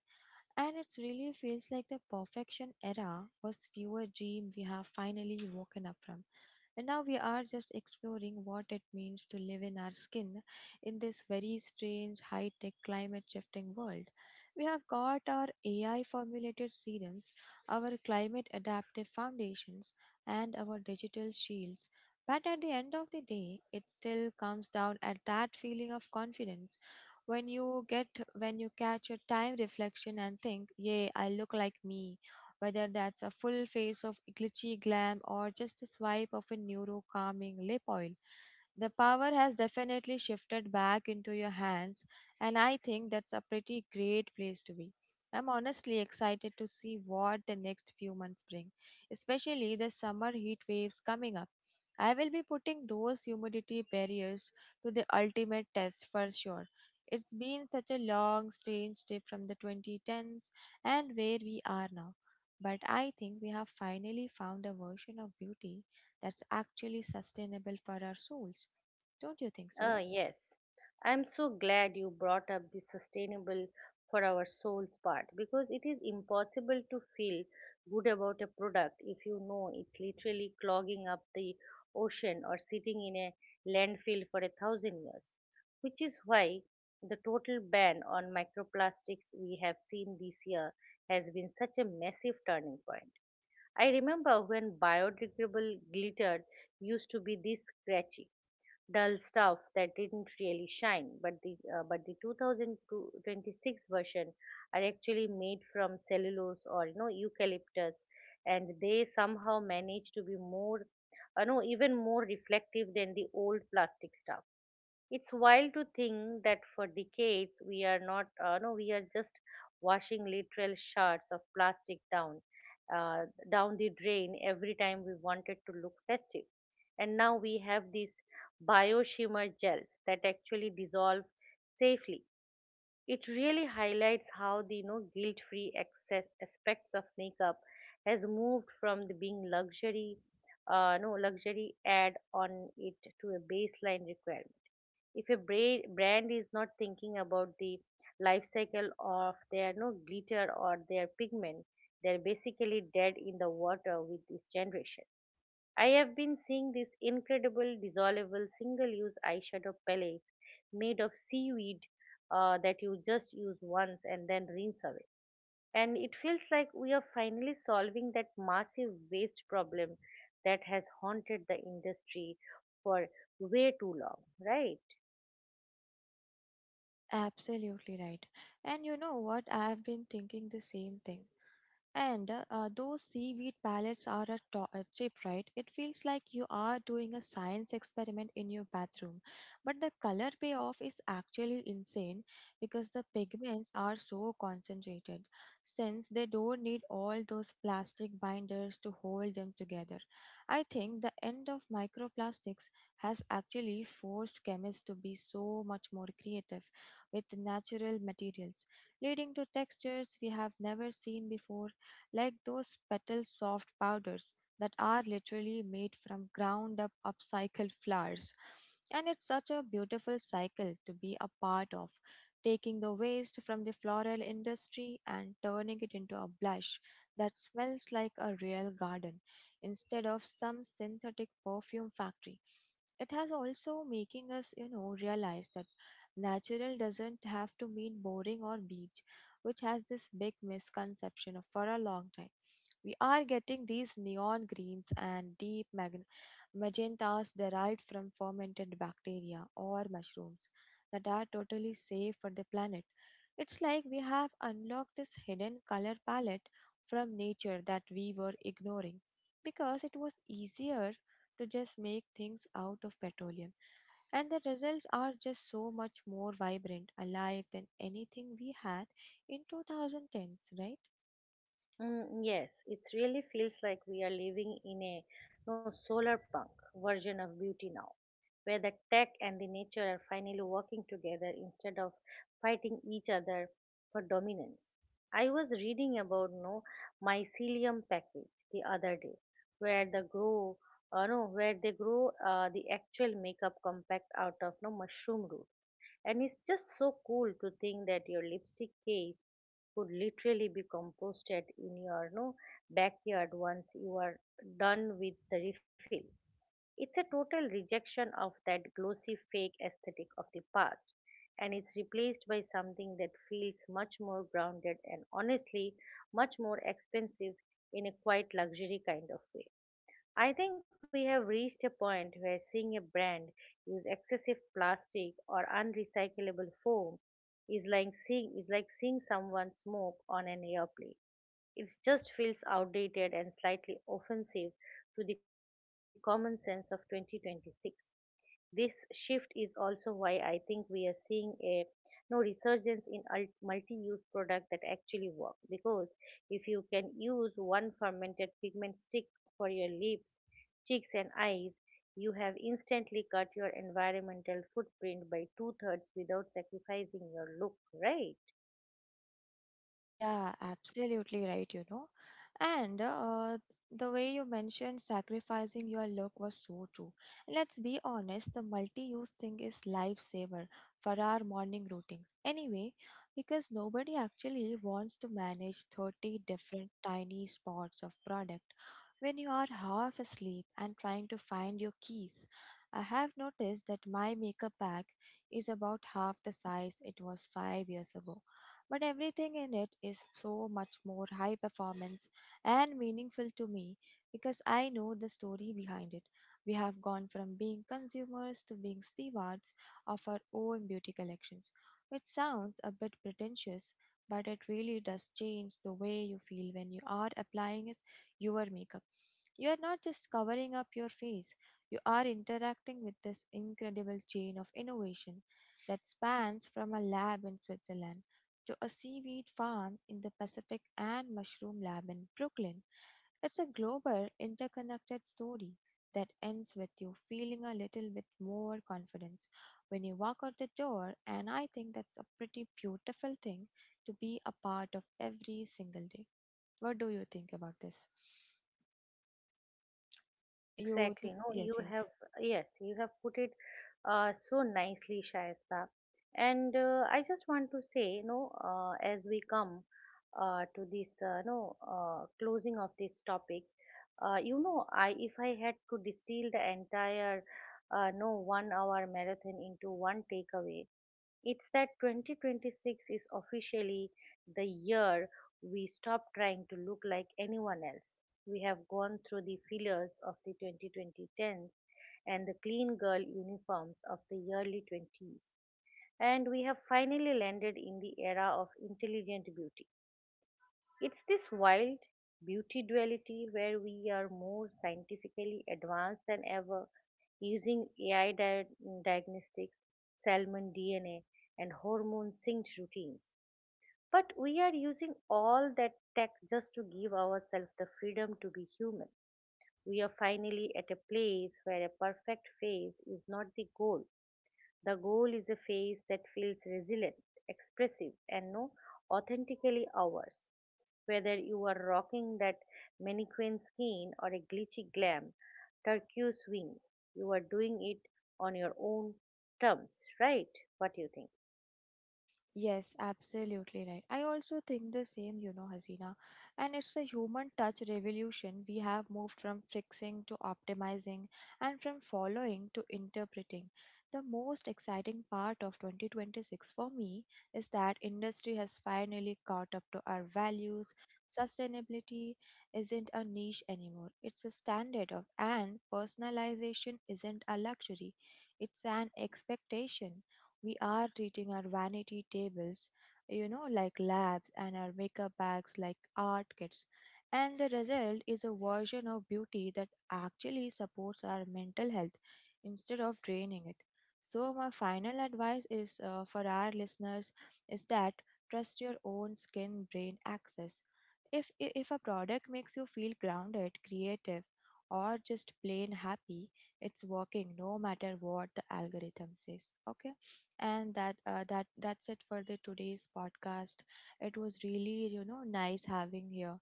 [SPEAKER 2] And it really feels like the perfection era was fewer dream we have finally woken up from. And now we are just exploring what it means to live in our skin in this very strange high tech climate shifting world. We have got our A I formulated serums, our climate adaptive foundations, and our digital shields. But at the end of the day, it still comes down at that feeling of confidence when you get when you catch your time reflection and think, "Yay, I look like me," whether that's a full face of glitchy glam or just a swipe of a neuro calming lip oil. The power has definitely shifted back into your hands, and I think that's a pretty great place to be. I'm honestly excited to see what the next few months bring, especially the summer heat waves coming up. I will be putting those humidity barriers to the ultimate test for sure. It's been such a long, strange step from the twenty tens and where we are now. But I think we have finally found a version of beauty that's actually sustainable for our souls. Don't you think
[SPEAKER 1] Uh,
[SPEAKER 2] so?
[SPEAKER 1] yes. I'm so glad you brought up the sustainable for our soul's part because it is impossible to feel good about a product if you know it's literally clogging up the ocean or sitting in a landfill for a thousand years, which is why the total ban on microplastics we have seen this year has been such a massive turning point. I remember when biodegradable glitter used to be this scratchy dull stuff that didn't really shine, but the uh, but the two thousand twenty-six version are actually made from cellulose or, you know, eucalyptus, and they somehow manage to be more uh, no even more reflective than the old plastic stuff. It's wild to think that for decades we are not, uh, no, we are just washing literal shards of plastic down, uh, down the drain every time we wanted to look festive. And now we have these bio shimmer gels that actually dissolve safely. It really highlights how the, you know, guilt-free access aspects of makeup has moved from the being luxury, uh, no luxury add on it, to a baseline requirement. If a bra- brand is not thinking about the life cycle of their no glitter or their pigment, they're basically dead in the water with this generation. I have been seeing this incredible dissolvable single use eyeshadow palette made of seaweed uh, that you just use once and then rinse away, and it feels like we are finally solving that massive waste problem that has haunted the industry for way too long, right?
[SPEAKER 2] Absolutely right. And you know what? I have been thinking the same thing. And uh, those seaweed pellets are a, to- a chip, right? It feels like you are doing a science experiment in your bathroom. But the color payoff is actually insane because the pigments are so concentrated, since they don't need all those plastic binders to hold them together. I think the end of microplastics has actually forced chemists to be so much more creative with natural materials, leading to textures we have never seen before like those petal soft powders that are literally made from ground up upcycled flowers. And it's such a beautiful cycle to be a part of, taking the waste from the floral industry and turning it into a blush that smells like a real garden instead of some synthetic perfume factory. It has also making us, you know, realize that natural doesn't have to mean boring or beach, which has this big misconception of- for a long time. We are getting these neon greens and deep mag- magentas derived from fermented bacteria or mushrooms that are totally safe for the planet. It's like we have unlocked this hidden color palette from nature that we were ignoring because it was easier to just make things out of petroleum. And the results are just so much more vibrant, alive than anything we had in twenty tens, right?
[SPEAKER 1] Mm, yes, it really feels like we are living in a no solar punk version of beauty now, where the tech and the nature are finally working together instead of fighting each other for dominance. I was reading about no mycelium package the other day, where the grow uh, no where they grow uh, the actual makeup compact out of no mushroom root, and it's just so cool to think that your lipstick case could literally be composted in your no backyard once you are done with the refill. It's a total rejection of that glossy fake aesthetic of the past, and it's replaced by something that feels much more grounded and honestly much more expensive in a quite luxury kind of way. I think we have reached a point where seeing a brand use excessive plastic or unrecyclable foam is like seeing is like seeing someone smoke on an airplane. It just feels outdated and slightly offensive to the common sense of twenty twenty-six. This shift is also why I think we are seeing a no resurgence in ul- multi-use products that actually work, because if you can use one fermented pigment stick for your lips, cheeks and eyes, you have instantly cut your environmental footprint by two-thirds without sacrificing your look, right?
[SPEAKER 2] Yeah, absolutely right. you know. And uh, the way you mentioned sacrificing your look was so true. Let's be honest, the multi-use thing is lifesaver for our morning routines. Anyway, because nobody actually wants to manage thirty different tiny spots of product when you are half asleep and trying to find your keys. I have noticed that my makeup bag is about half the size it was five years ago, but everything in it is so much more high performance and meaningful to me because I know the story behind it. We have gone from being consumers to being stewards of our own beauty collections, which sounds a bit pretentious, but it really does change the way you feel when you are applying it- your makeup. You are not just covering up your face, you are interacting with this incredible chain of innovation that spans from a lab in Switzerland to a seaweed farm in the Pacific and mushroom lab in Brooklyn. It's a global, interconnected story that ends with you feeling a little bit more confidence when you walk out the door, and I think that's a pretty beautiful thing to be a part of every single day. What do you think about this?
[SPEAKER 1] Yes,
[SPEAKER 2] You
[SPEAKER 1] exactly.
[SPEAKER 2] think,
[SPEAKER 1] No, you
[SPEAKER 2] yes,
[SPEAKER 1] have,
[SPEAKER 2] yes.
[SPEAKER 1] yes, you have put it uh, so nicely, Shaista. And uh, I just want to say, you know, uh, as we come uh, to this, uh, no, uh, closing of this topic, uh, you know, I if I had to distill the entire, uh, no, one-hour marathon into one takeaway, it's that twenty twenty-six is officially the year we stop trying to look like anyone else. We have gone through the fillers of the twenty twenty and the clean girl uniforms of the early twenties, and we have finally landed in the era of intelligent beauty. It's this wild beauty duality where we are more scientifically advanced than ever, using A I dia- diagnostics, salmon D N A, and hormone synced routines. But we are using all that tech just to give ourselves the freedom to be human. We are finally at a place where a perfect face is not the goal. The goal is a face that feels resilient, expressive, and no authentically ours. Whether you are rocking that mannequin skin or a glitchy glam turquoise wing, you are doing it on your own terms, right? What do you think?
[SPEAKER 2] Yes, absolutely right. I also think the same, you know, Hasina. And it's a human touch revolution. We have moved from fixing to optimizing and from following to interpreting. The most exciting part of twenty twenty-six for me is that industry has finally caught up to our values. Sustainability isn't a niche anymore, it's a standard of, and personalization isn't a luxury, it's an expectation. We are treating our vanity tables, you know, like labs and our makeup bags like art kits. And the result is a version of beauty that actually supports our mental health instead of draining it. So, my final advice is uh, for our listeners is that trust your own skin brain access. If, i- if a product makes you feel grounded, creative, or just plain happy, it's working no matter what the algorithm says. Okay, and that uh, that that's it for the today's podcast. It was really, you know, nice having here,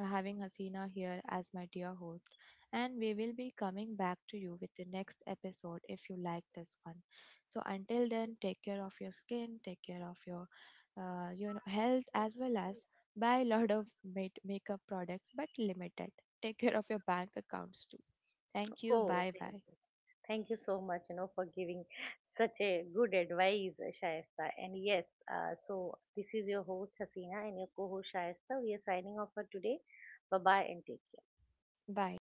[SPEAKER 2] uh, having Hasina here as my dear host, and we will be coming back to you with the next episode if you like this one. So until then, take care of your skin, take care of your uh, you know health, as well as buy a lot of make- makeup products but limited, take care of your bank accounts too. Thank you,
[SPEAKER 1] Oh,
[SPEAKER 2] bye
[SPEAKER 1] thank
[SPEAKER 2] bye
[SPEAKER 1] you. Thank you so much, you know, for giving such a good advice, Shayesta. And yes, uh, so this is your host Hasina and your co-host Shayesta. We are signing off for today. Bye bye and take care.
[SPEAKER 2] bye.